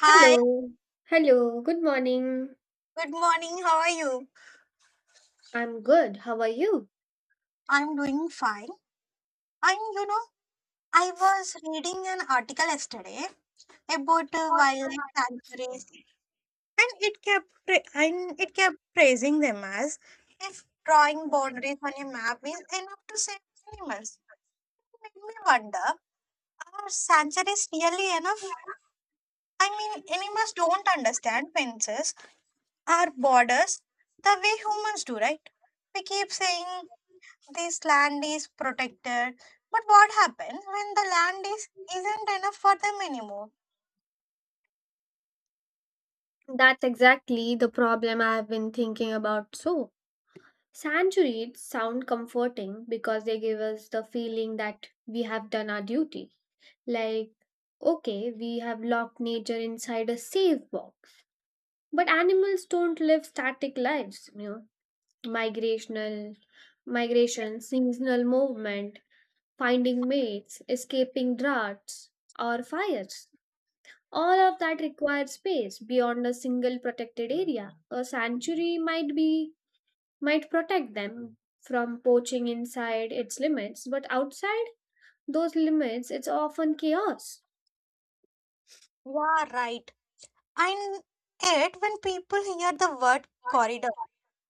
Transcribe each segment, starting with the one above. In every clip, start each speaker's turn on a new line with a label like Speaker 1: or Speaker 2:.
Speaker 1: Hi,
Speaker 2: Hello. Hello. Good morning.
Speaker 1: good morning. How are you?
Speaker 2: I'm good. How are you?
Speaker 1: I'm doing fine. And you know, I was reading an article yesterday about wildlife sanctuaries, and it kept praising them as if drawing boundaries on a map is enough to save animals. It made me wonder: Are sanctuaries really enough? I mean, animals don't understand fences or borders the way humans do, right? We keep saying this land is protected. But what happens when the land is isn't enough for them anymore?
Speaker 2: That's exactly the problem I've been thinking about. So, sanctuaries sound comforting because they give us the feeling that we have done our duty. Like, okay, we have locked nature inside a safe box. But animals don't live static lives, you know. migrational Migration, seasonal movement, finding mates, escaping droughts or fires, all of that requires space beyond a single protected area. A sanctuary might protect them from poaching inside its limits, but outside those limits it's often chaos.
Speaker 1: Yeah, right. And yet when people hear the word corridor,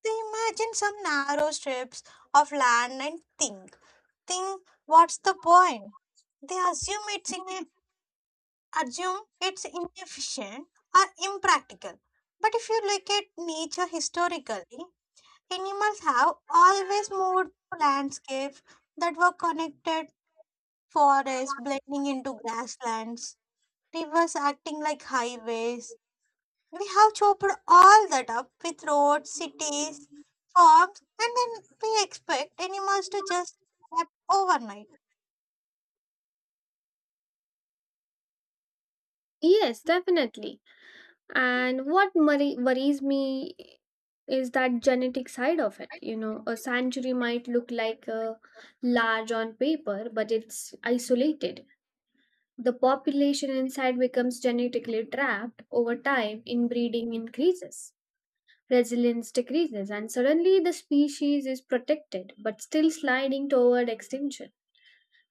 Speaker 1: they imagine some narrow strips of land and think. Think what's the point? They assume it's inefficient or impractical. But if you look at nature historically, animals have always moved to landscapes that were connected, forests blending into grasslands, rivers acting like highways. We have chopped all that up with roads, cities, farms, and then we expect animals to just adapt overnight.
Speaker 2: Yes, definitely. And what worries me is that genetic side of it. You know, a sanctuary might look like a large on paper, but it's isolated. The population inside becomes genetically trapped. Over time, inbreeding increases, resilience decreases, and suddenly the species is protected but still sliding toward extinction.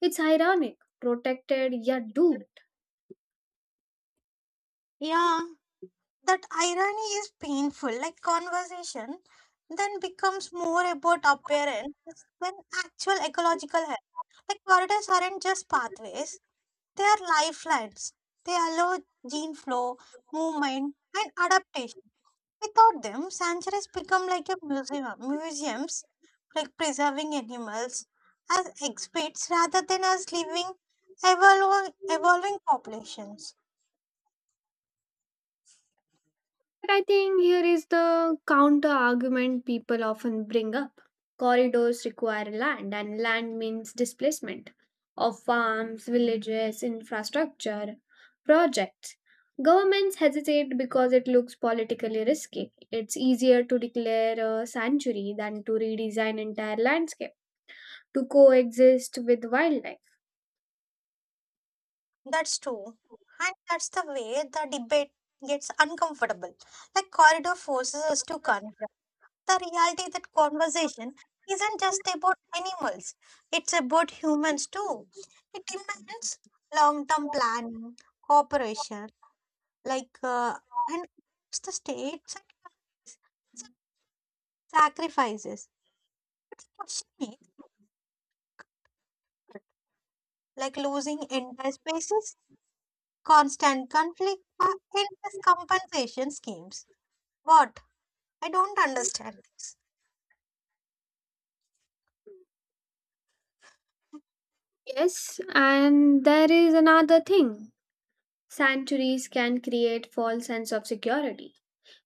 Speaker 2: It's ironic, protected yet doomed.
Speaker 1: Yeah, that irony is painful. Like conversation then becomes more about appearance than actual ecological health. Like corridors aren't just pathways; they are lifelines. They allow gene flow, movement, and adaptation. Without them, sanctuaries become like museums, like preserving animals as exhibits rather than as living, evolving populations.
Speaker 2: But I think here is the counter argument people often bring up. Corridors require land, and land means displacement of farms, villages, infrastructure, projects. Governments hesitate because it looks politically risky. It's easier to declare a sanctuary than to redesign entire landscape to coexist with wildlife.
Speaker 1: That's true. And that's the way the debate gets uncomfortable. Like corridor forces us to confront the reality that conversation isn't just about animals, it's about humans too. It demands long term planning, cooperation, Like, uh, and it's the state sacrifices. So sacrifices. But the question is, like losing entire spaces, constant conflict, or endless compensation schemes. What? I don't understand this.
Speaker 2: Yes, and there is another thing. Sanctuaries can create false sense of security.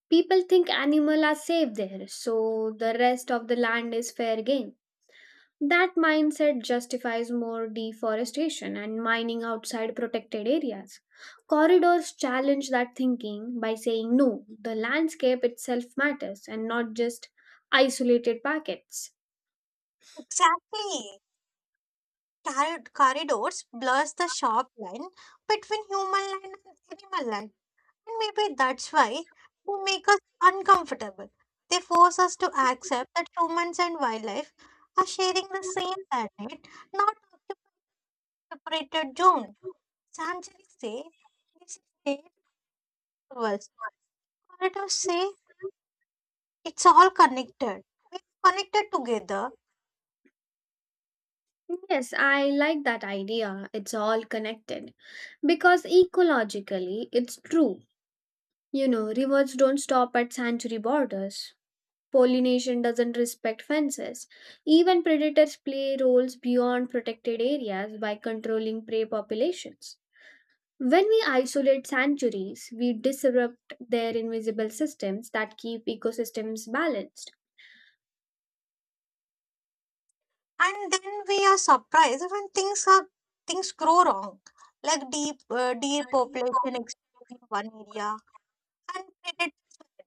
Speaker 2: People think animal are safe there, so the rest of the land is fair game. That mindset justifies more deforestation and mining outside protected areas. Corridors challenge that thinking by saying no, the landscape itself matters and not just isolated packets.
Speaker 1: Exactly. Corridors blurs the sharp line between human land and animal land. And maybe that's why they make us uncomfortable. They force us to accept that humans and wildlife are sharing the same planet, not occupied separated zone. Sanctuaries say this is their universe. Corridors say it's all connected. We're connected together,
Speaker 2: Yes, I like that idea. It's all connected. Because ecologically, it's true. You know, rivers don't stop at sanctuary borders. Pollination doesn't respect fences. Even predators play roles beyond protected areas by controlling prey populations. When we isolate sanctuaries, we disrupt their invisible systems that keep ecosystems balanced.
Speaker 1: and then we are surprised when things grow wrong, like deep deer population exploding in one area and predators in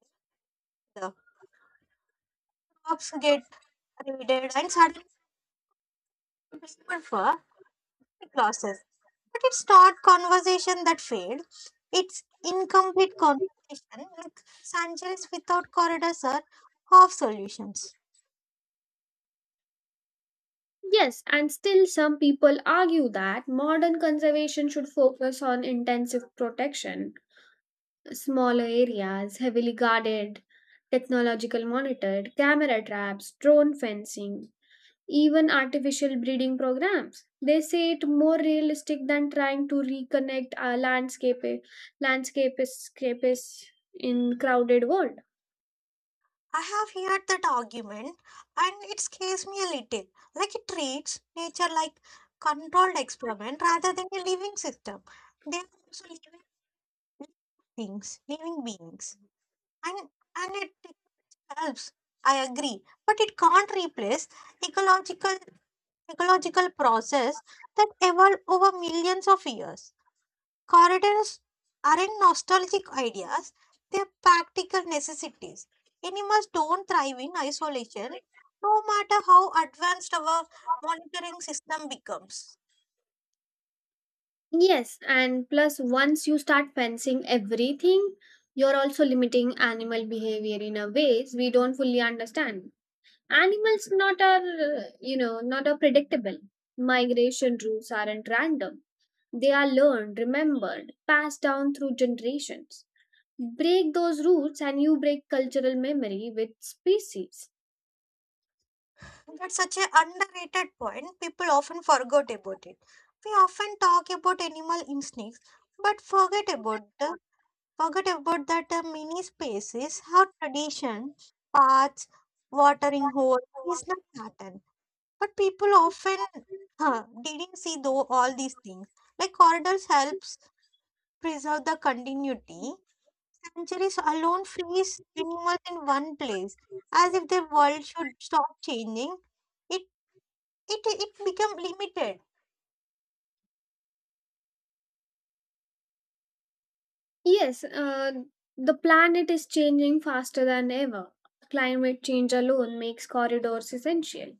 Speaker 1: another. Crops get readers and suddenly prefer for classes. But it's not conversation that failed. It's incomplete conversation like Sanchez without corridors are half solutions.
Speaker 2: Yes, and still some people argue that modern conservation should focus on intensive protection, smaller areas, heavily guarded, technological monitored, camera traps, drone fencing, even artificial breeding programs. They say it more realistic than trying to reconnect a landscape landscapescapes in crowded world.
Speaker 1: I have heard that argument and it scares me a little. Like it treats nature like controlled experiment rather than a living system. They are also living things, living beings. And and it helps. I agree. But it can't replace ecological ecological process that evolved over millions of years. Corridors aren't nostalgic ideas, they're practical necessities. Animals don't thrive in isolation, no matter how advanced our monitoring system becomes.
Speaker 2: Yes, and plus once you start fencing everything, you're also limiting animal behavior in a ways we don't fully understand. Animals not are not are predictable. Migration routes aren't random. They are learned, remembered, passed down through generations. Break those roots and you break cultural memory with species.
Speaker 1: That's such an underrated point, people often forget about it. We often talk about animal instincts but forget about the Forget about that many spaces, how tradition, paths, watering hole is not pattern. But people often didn't see though all these things. Like corridors helps preserve the continuity. Centuries alone freeze animals in one place, as if the world should stop changing. It it become limited.
Speaker 2: Yes, the planet is changing faster than ever. Climate change alone makes corridors essential.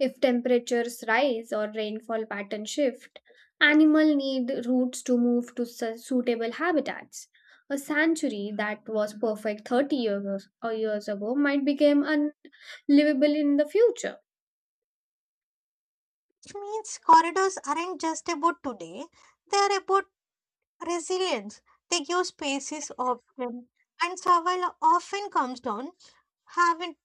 Speaker 2: If temperatures rise or rainfall pattern shift, animals need roots to move to suitable habitats. A sanctuary that was perfect 30 years, or years ago, might become unlivable in the future.
Speaker 1: Which means corridors aren't just about today; they are about resilience. They give spaces option and survival often comes down having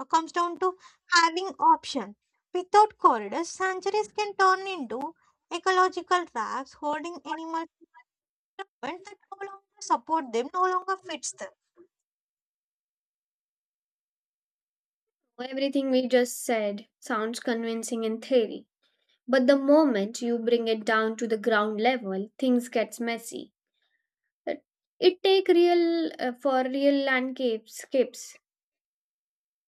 Speaker 1: to having option. Without corridors, sanctuaries can turn into ecological traps holding animals in environment that no longer support them, no longer fits them.
Speaker 2: Everything we just said sounds convincing in theory. But the moment you bring it down to the ground level, things gets messy. It it take real For real landscapes,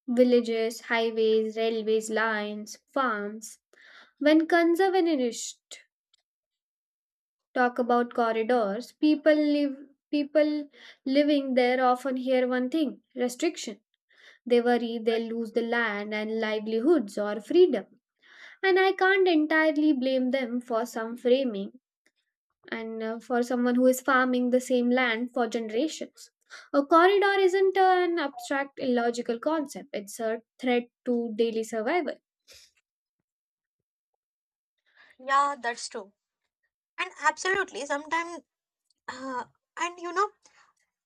Speaker 2: villages, highways, railways lines, farms. When conservationists talk about corridors, people living there often hear one thing: restriction. They worry they'll lose the land and livelihoods or freedom. And I can't entirely blame them for some framing, and for someone who is farming the same land for generations. A corridor isn't an abstract, illogical concept, it's a threat to daily survival.
Speaker 1: Yeah, that's true. And absolutely, sometimes, uh, and you know,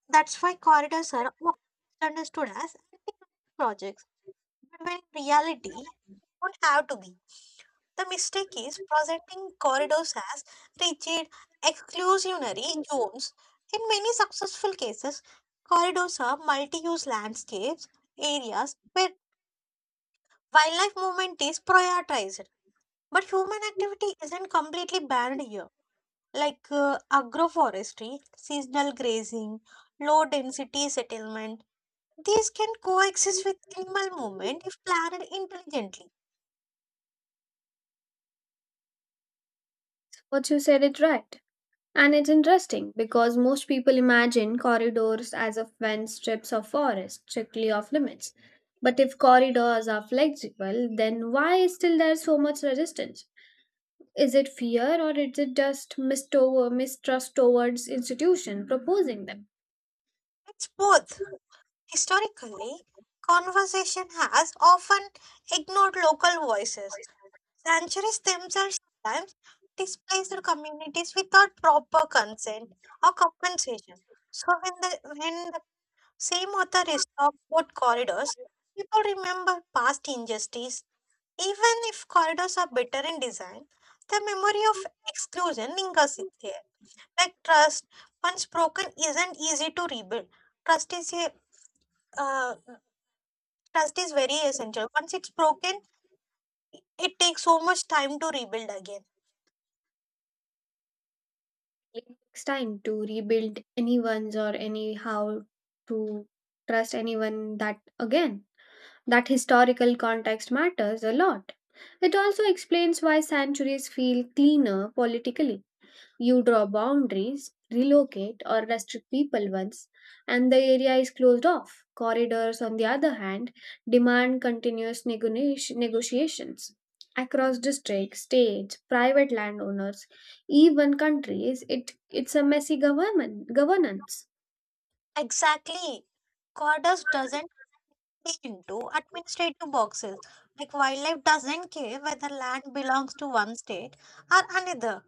Speaker 1: that's why corridors are often understood as anti projects. But when in reality, they don't have to be. The mistake is presenting corridors as rigid, exclusionary zones. In many successful cases, corridors are multi use landscapes, areas where wildlife movement is prioritized. But human activity isn't completely banned here, like agroforestry, seasonal grazing, low density settlement. These can coexist with animal movement if planned intelligently.
Speaker 2: What you said it right. And it's interesting because most people imagine corridors as of when strips of forest strictly off limits. But if corridors are flexible, then why is still there so much resistance? Is it fear or is it just mistrust towards institution proposing them?
Speaker 1: It's both. Historically, conversation has often ignored local voices. Sanctuaries themselves sometimes displaced communities without proper consent or compensation. So when the same author is talking about corridors, people remember past injustice. Even if corridors are better in design, the memory of exclusion lingers there. Like trust, once broken, isn't easy to rebuild. Trust is a uh, trust is very essential. Once it's broken, it takes so much time to rebuild again.
Speaker 2: It takes time to rebuild anyone's or anyhow to trust anyone, that again, that historical context matters a lot. It also explains why sanctuaries feel cleaner politically. You draw boundaries, relocate or restrict people once, and the area is closed off. Corridors, on the other hand, demand continuous negotiations. Across districts, states, private landowners, even countries, it's a messy government governance.
Speaker 1: Exactly. Corders doesn't fit into administrative boxes. Like wildlife doesn't care whether land belongs to one state or another,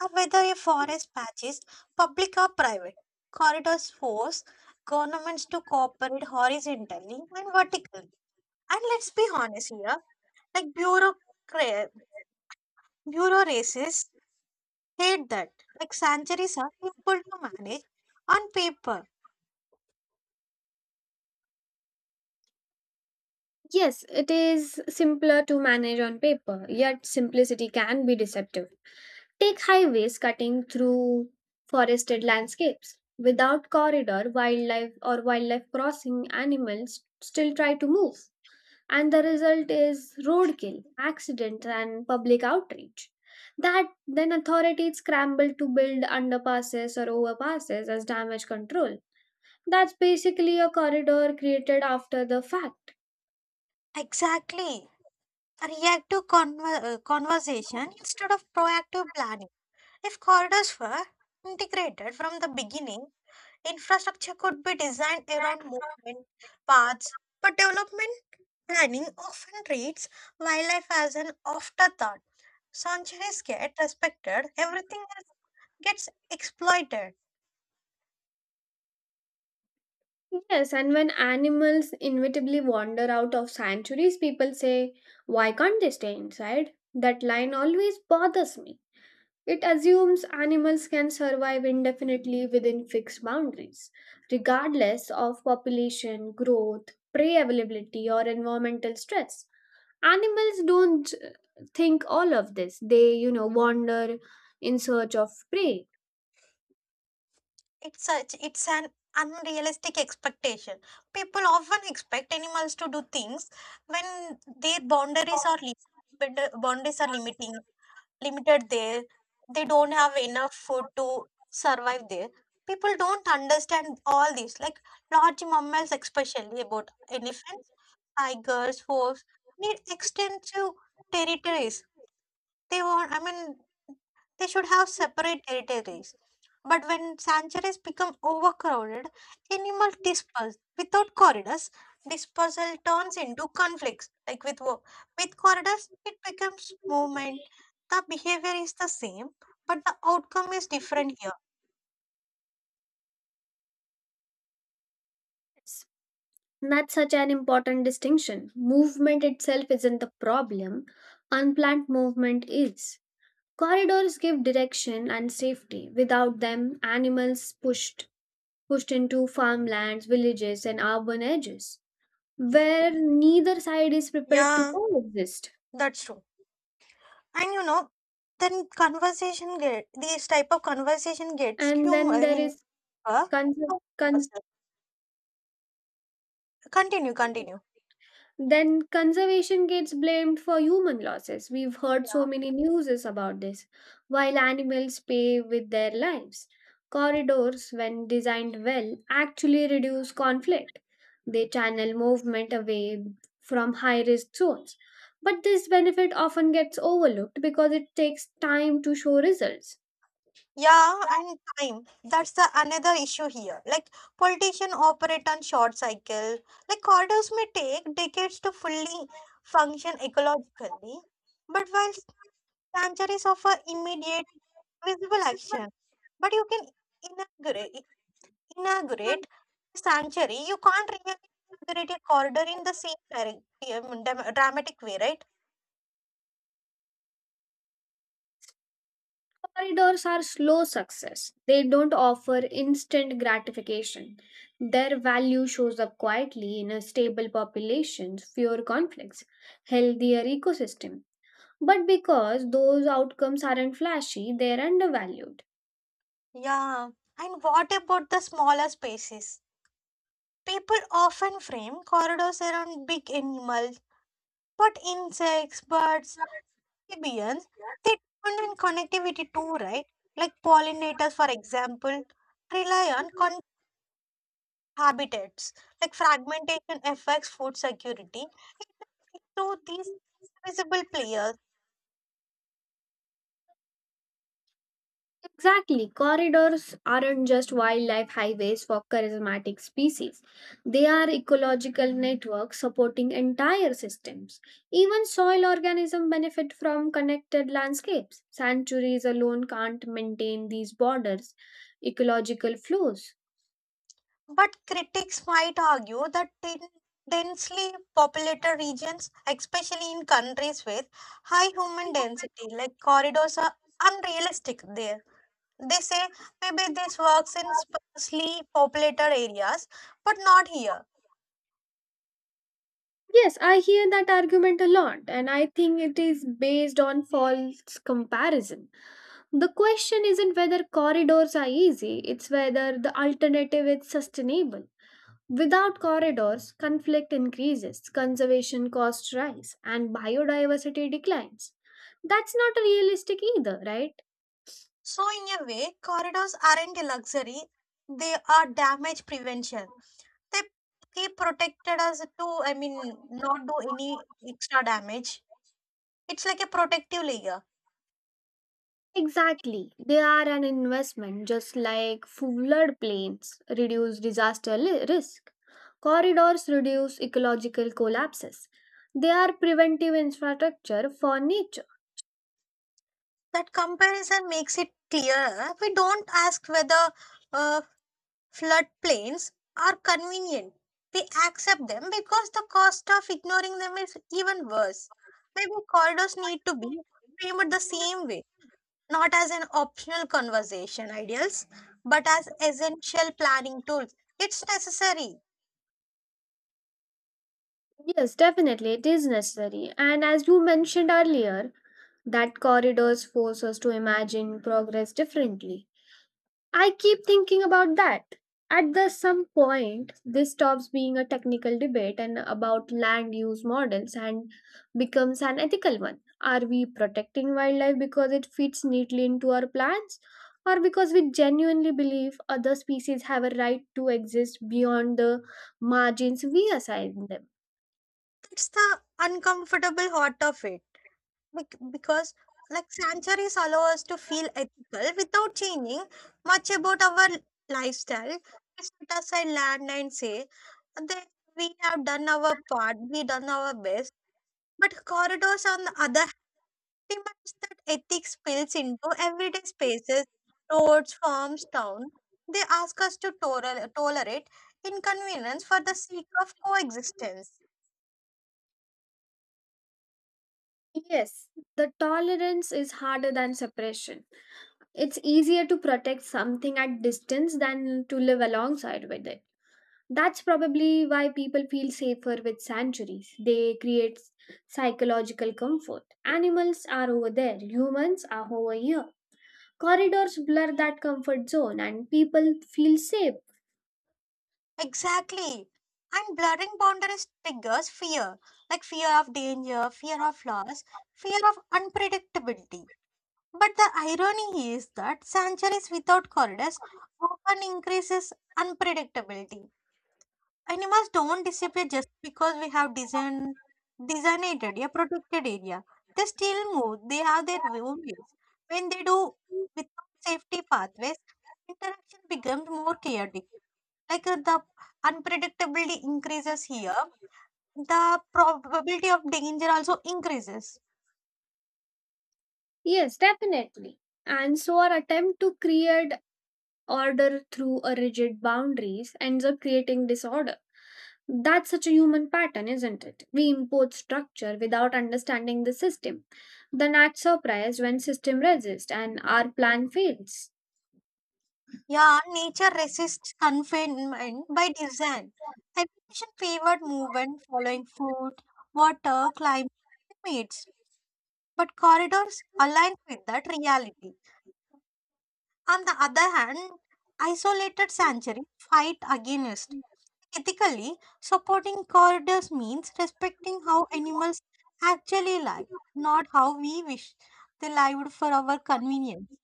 Speaker 1: or whether a forest patch is public or private. Corridors force governments to cooperate horizontally and vertically. And let's be honest here, like bureau races hate that. Like sanctuaries are simple to manage on paper.
Speaker 2: Yes, it is simpler to manage on paper, yet simplicity can be deceptive. Take highways cutting through forested landscapes. Without corridor, wildlife or wildlife crossing, animals still try to move. And the result is roadkill, accidents, and public outreach. That then authorities scramble to build underpasses or overpasses as damage control. That's basically a corridor created after the fact.
Speaker 1: Exactly. A reactive conversation instead of proactive planning. If corridors were integrated from the beginning, infrastructure could be designed around movement, paths, but development planning often treats wildlife as an afterthought. Sanctuaries get respected, everything else gets exploited.
Speaker 2: Yes, and when animals inevitably wander out of sanctuaries, people say, "Why can't they stay inside?" That line always bothers me. It assumes animals can survive indefinitely within fixed boundaries, regardless of population, growth, prey availability, or environmental stress. Animals don't think all of this, they, you know, wander in search of prey.
Speaker 1: It's an unrealistic expectation. People often expect animals to do things when their boundaries are limited. Boundaries are limiting, limited there. They don't have enough food to survive there. People don't understand all this. Like large mammals, especially about elephants, tigers, wolves, need extensive territories. They want. I mean, they should have separate territories. But when sanctuaries become overcrowded, animals disperse without corridors. Dispersal turns into conflicts. Like with corridors, it becomes movement. The behavior is the same, but the outcome is different here.
Speaker 2: That's such an important distinction. Movement itself isn't the problem, unplanned movement is. Corridors give direction and safety. Without them, animals pushed into farmlands, villages, and urban edges, where neither side is prepared to
Speaker 1: Yeah,
Speaker 2: coexist.
Speaker 1: that's true. And you know, then conversation get these type of conversation gets
Speaker 2: And
Speaker 1: human.
Speaker 2: then there is
Speaker 1: Uh,
Speaker 2: concern.
Speaker 1: continue, continue.
Speaker 2: Then conservation gets blamed for human losses. We've heard so many newses about this, while animals pay with their lives. Corridors, when designed well, actually reduce conflict. They channel movement away from high risk zones. But this benefit often gets overlooked because it takes time to show results.
Speaker 1: Yeah, and time. That's the another issue here. Like politicians operate on short cycle. Like orders may take decades to fully function ecologically, but while sanctuaries offer immediate visible action, but you can inaugurate inaugurate a sanctuary. You can't really inaugurate a corridor in the same direct, dramatic way, right?
Speaker 2: Corridors are slow success. They don't offer instant gratification. Their value shows up quietly in a stable population, fewer conflicts, healthier ecosystem. But because those outcomes aren't flashy, they're undervalued.
Speaker 1: Yeah. And what about the smaller spaces? People often frame corridors around big animals, but insects, birds, amphibians, they depend on connectivity too, right? Like pollinators, for example, rely on con- habitats. Like fragmentation affects food security. So these invisible players,
Speaker 2: Exactly. Corridors aren't just wildlife highways for charismatic species. They are ecological networks supporting entire systems. Even soil organisms benefit from connected landscapes. Sanctuaries alone can't maintain these borders, ecological flows.
Speaker 1: but critics might argue that in densely populated regions, especially in countries with high human density, like corridors are unrealistic there. They say maybe this works in sparsely populated areas, but not here.
Speaker 2: Yes, I hear that argument a lot, and I think it is based on false comparison. The question isn't whether corridors are easy, it's whether the alternative is sustainable. Without corridors, conflict increases, conservation costs rise, and biodiversity declines. That's not realistic either, right?
Speaker 1: So, in a way, corridors aren't a luxury, they are damage prevention. They, he protected us to, I mean, not do any extra damage. It's like a protective layer.
Speaker 2: Exactly. They are an investment just like floodplains reduce disaster risk. Corridors reduce ecological collapses. They are preventive infrastructure for nature.
Speaker 1: That comparison makes it clear. We don't ask whether uh, floodplains are convenient. We accept them because the cost of ignoring them is even worse. Maybe corridors need to be framed the same way, not as an optional conversation ideals, but as essential planning tools. It's necessary.
Speaker 2: Yes, definitely, it is necessary. And as you mentioned earlier, that corridors force us to imagine progress differently. I keep thinking about that. At the some point, this stops being a technical debate and about land use models and becomes an ethical one. Are we protecting wildlife because it fits neatly into our plans, or because we genuinely believe other species have a right to exist beyond the margins we assign them?
Speaker 1: It's the uncomfortable heart of it. Because like sanctuaries allow us to feel ethical without changing much about our lifestyle. We set aside land and say that we have done our part, we done our best. But corridors on the other hand demands that ethics spills into everyday spaces, roads, farms, town. They ask us to tolerate inconvenience for the sake of coexistence.
Speaker 2: Yes, the tolerance is harder than separation. It's easier to protect something at distance than to live alongside with it. That's probably why people feel safer with sanctuaries. They create psychological comfort. Animals are over there, humans are over here. Corridors blur that comfort zone and people feel safe.
Speaker 1: Exactly. And blurring boundaries triggers fear, like fear of danger, fear of loss, fear of unpredictability. But the irony is that sanctuaries without corridors often increases unpredictability. Animals don't disappear just because we have designed designated a protected area. They still move. They have their own ways. When they do without safety pathways, interaction becomes more chaotic. The unpredictability increases here, the probability of danger also increases.
Speaker 2: Yes, definitely. And so our attempt to create order through a rigid boundaries ends up creating disorder. That's such a human pattern, isn't it? We import structure without understanding the system, then act surprised when system resists and our plan fails.
Speaker 1: Yeah, nature resists confinement by design. Evolution favored movement following food, water, climate, limits, but corridors align with that reality. On the other hand, isolated sanctuaries fight against. Ethically, supporting corridors means respecting how animals actually live, not how we wish they lived for our convenience.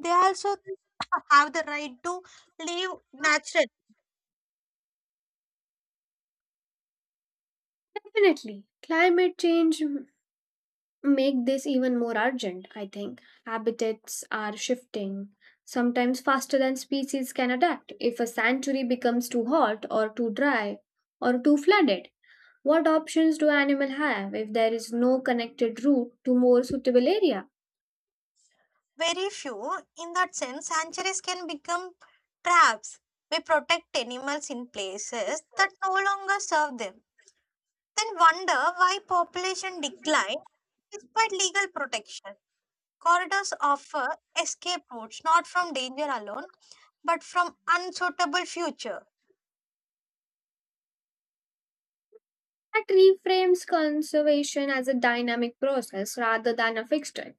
Speaker 1: They also have the right to live naturally.
Speaker 2: Definitely. Climate change make this even more urgent, I think. Habitats are shifting, sometimes faster than species can adapt. If a sanctuary becomes too hot or too dry or too flooded, what options do animals have if there is no connected route to more suitable area?
Speaker 1: Very few, in that sense, sanctuaries can become traps. We protect animals in places that no longer serve them. Then wonder why population decline despite legal protection. Corridors offer escape routes not from danger alone, but from unsuitable future.
Speaker 2: That reframes conservation as a dynamic process rather than a fixed one.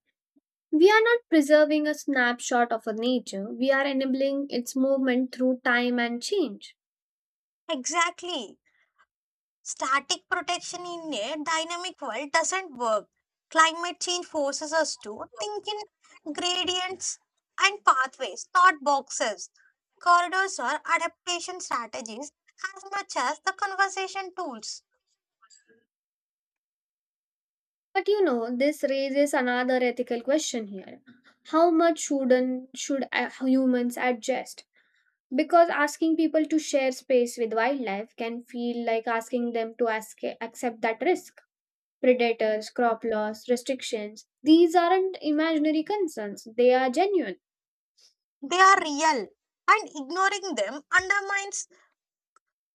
Speaker 2: We are not preserving a snapshot of a nature, we are enabling its movement through time and change.
Speaker 1: Exactly. Static protection in a dynamic world doesn't work. Climate change forces us to think in gradients and pathways, not boxes. Corridors are adaptation strategies as much as the conversation tools.
Speaker 2: But you know, this raises another ethical question here. How much shouldn't should humans adjust? Because asking people to share space with wildlife can feel like asking them to ask, accept that risk. Predators, crop loss, restrictions. These aren't imaginary concerns, they are genuine.
Speaker 1: They are real, and ignoring them undermines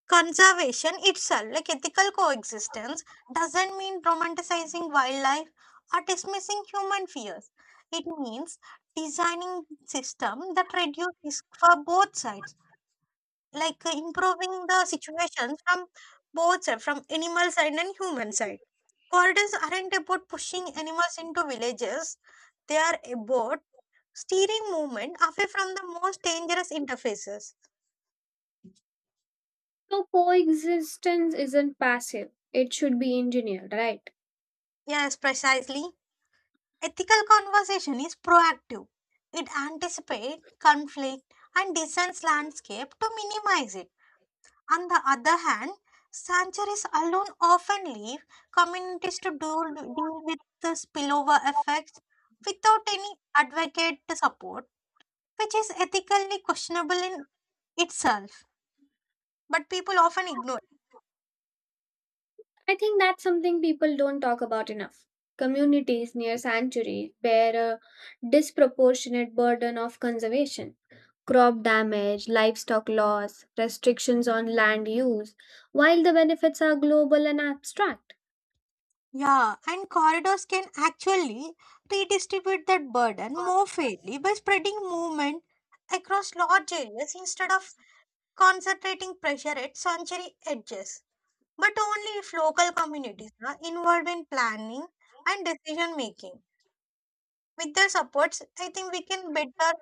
Speaker 1: conservation itself, like ethical coexistence, doesn't mean romanticizing wildlife or dismissing human fears. It means designing system that reduce risk for both sides, like improving the situations from both sides, from animal side and human side. Corridors aren't about pushing animals into villages; they are about steering movement away from the most dangerous interfaces.
Speaker 2: So coexistence isn't passive, it should be engineered, right?
Speaker 1: Yes, precisely. Ethical conversation is proactive. It anticipates conflict and designs landscape to minimize it. On the other hand, sanctuaries alone often leave communities to deal with the spillover effects without any advocate support, which is ethically questionable in itself. But people often ignore.
Speaker 2: I think that's something people don't talk about enough. Communities near sanctuaries bear a disproportionate burden of conservation, crop damage, livestock loss, restrictions on land use, while the benefits are global and abstract.
Speaker 1: Yeah, and corridors can actually redistribute that burden more fairly by spreading movement across large areas instead of concentrating pressure at sanctuary edges. But only if local communities are involved in planning and decision making. With their supports, I think we can better,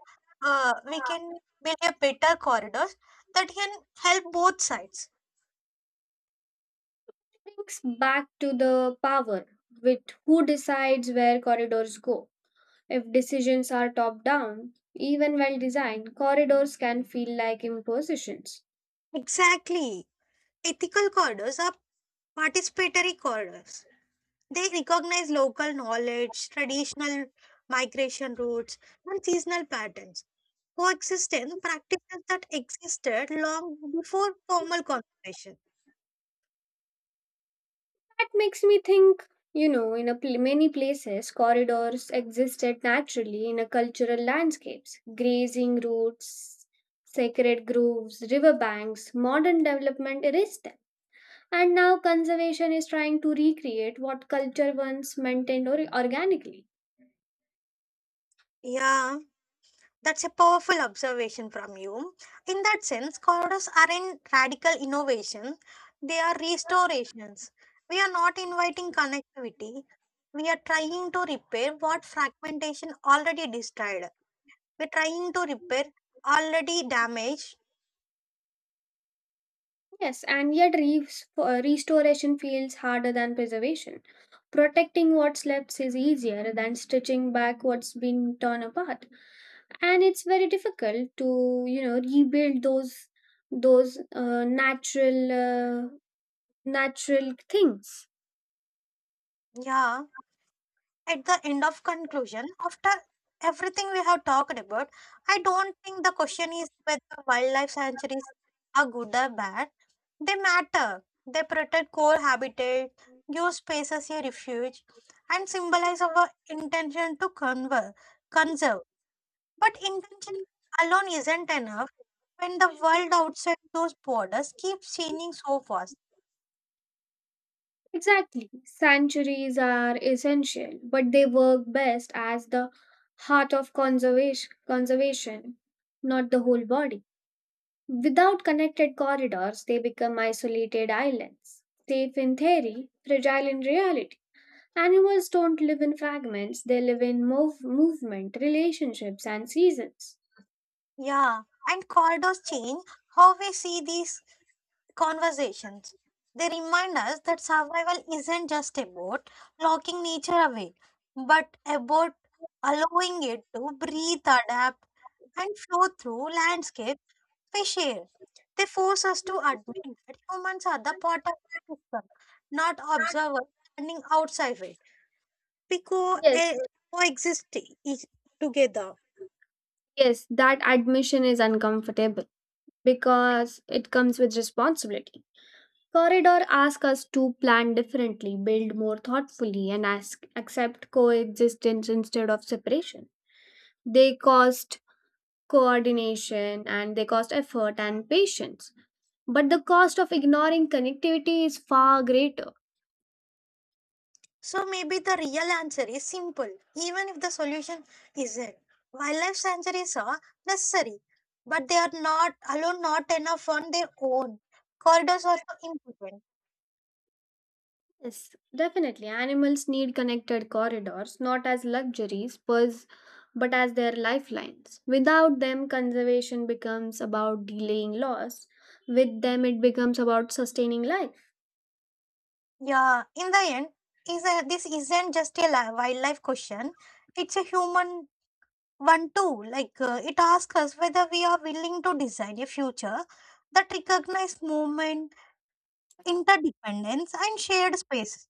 Speaker 1: we can build a better corridors that can help both sides.
Speaker 2: Brings back to the power with who decides where corridors go. If decisions are top down, even well designed, corridors can feel like impositions.
Speaker 1: Exactly, ethical corridors are participatory corridors. They recognize local knowledge, traditional migration routes, and seasonal patterns, coexisting practices that existed long before formal conservation.
Speaker 2: That makes me think, you know, in a many places, corridors existed naturally in a cultural landscapes, grazing routes, sacred groves, riverbanks. Modern development erased them, and now conservation is trying to recreate what culture once maintained or organically.
Speaker 1: Yeah, that's a powerful observation from you. In that sense, corridors aren't radical innovations, they are restorations. We are not inviting connectivity, we are trying to repair what fragmentation already destroyed. We're trying to repair already damaged.
Speaker 2: Yes, and yet restoration feels harder than preservation. Protecting what's left is easier than stitching back what's been torn apart. And it's very difficult to, you know, rebuild those those natural things.
Speaker 1: Yeah. At the end of conclusion, after everything we have talked about, I don't think the question is whether wildlife sanctuaries are good or bad. They matter. They protect core habitat, give spaces a refuge, and symbolize our intention to conserve. But intention alone isn't enough when the world outside those borders keeps changing so fast.
Speaker 2: Exactly, sanctuaries are essential but they work best as the heart of conservation, not the whole body. Without connected corridors they become isolated islands, safe in theory, fragile in reality. Animals don't live in fragments, they live in movement, relationships, and seasons.
Speaker 1: Yeah, and corridors change how we see these conversations. They remind us that survival isn't just about locking nature away, but about allowing it to breathe, adapt, and flow through landscape we share. They force us to admit that humans are the part of the system, not observers standing outside it. We co-
Speaker 2: Yes,
Speaker 1: eh, coexist e- together.
Speaker 2: yes, that admission is uncomfortable because it comes with responsibility. Corridor asks us to plan differently, build more thoughtfully, and ask, accept coexistence instead of separation. They cost coordination and they cost effort and patience. But the cost of ignoring connectivity is far greater.
Speaker 1: So maybe the real answer is simple, even if the solution isn't. Wildlife sanctuaries are necessary, but they are not enough on their own. Corridors are so important.
Speaker 2: Yes, definitely. Animals need connected corridors, not as luxuries, but as their lifelines. Without them, conservation becomes about delaying loss. With them, it becomes about sustaining life.
Speaker 1: Yeah, in the end, this isn't just a wildlife question; it's a human one too. Like it asks us whether we are willing to design a future that recognizes movement, interdependence, and shared space.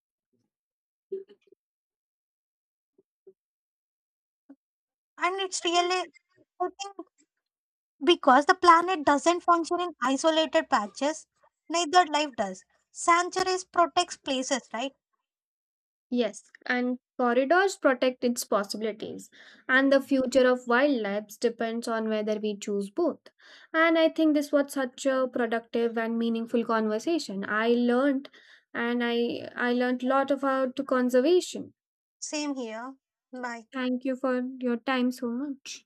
Speaker 1: And it's really, I think. Because the planet doesn't function in isolated patches, neither life does. Sanctuaries protects places, right?
Speaker 2: Yes, and corridors protect its possibilities, and the future of wildlife depends on whether we choose both. And I think this was such a productive and meaningful conversation. I learned, and I learned a lot about conservation.
Speaker 1: Same here. My
Speaker 2: Thank you for your time so much.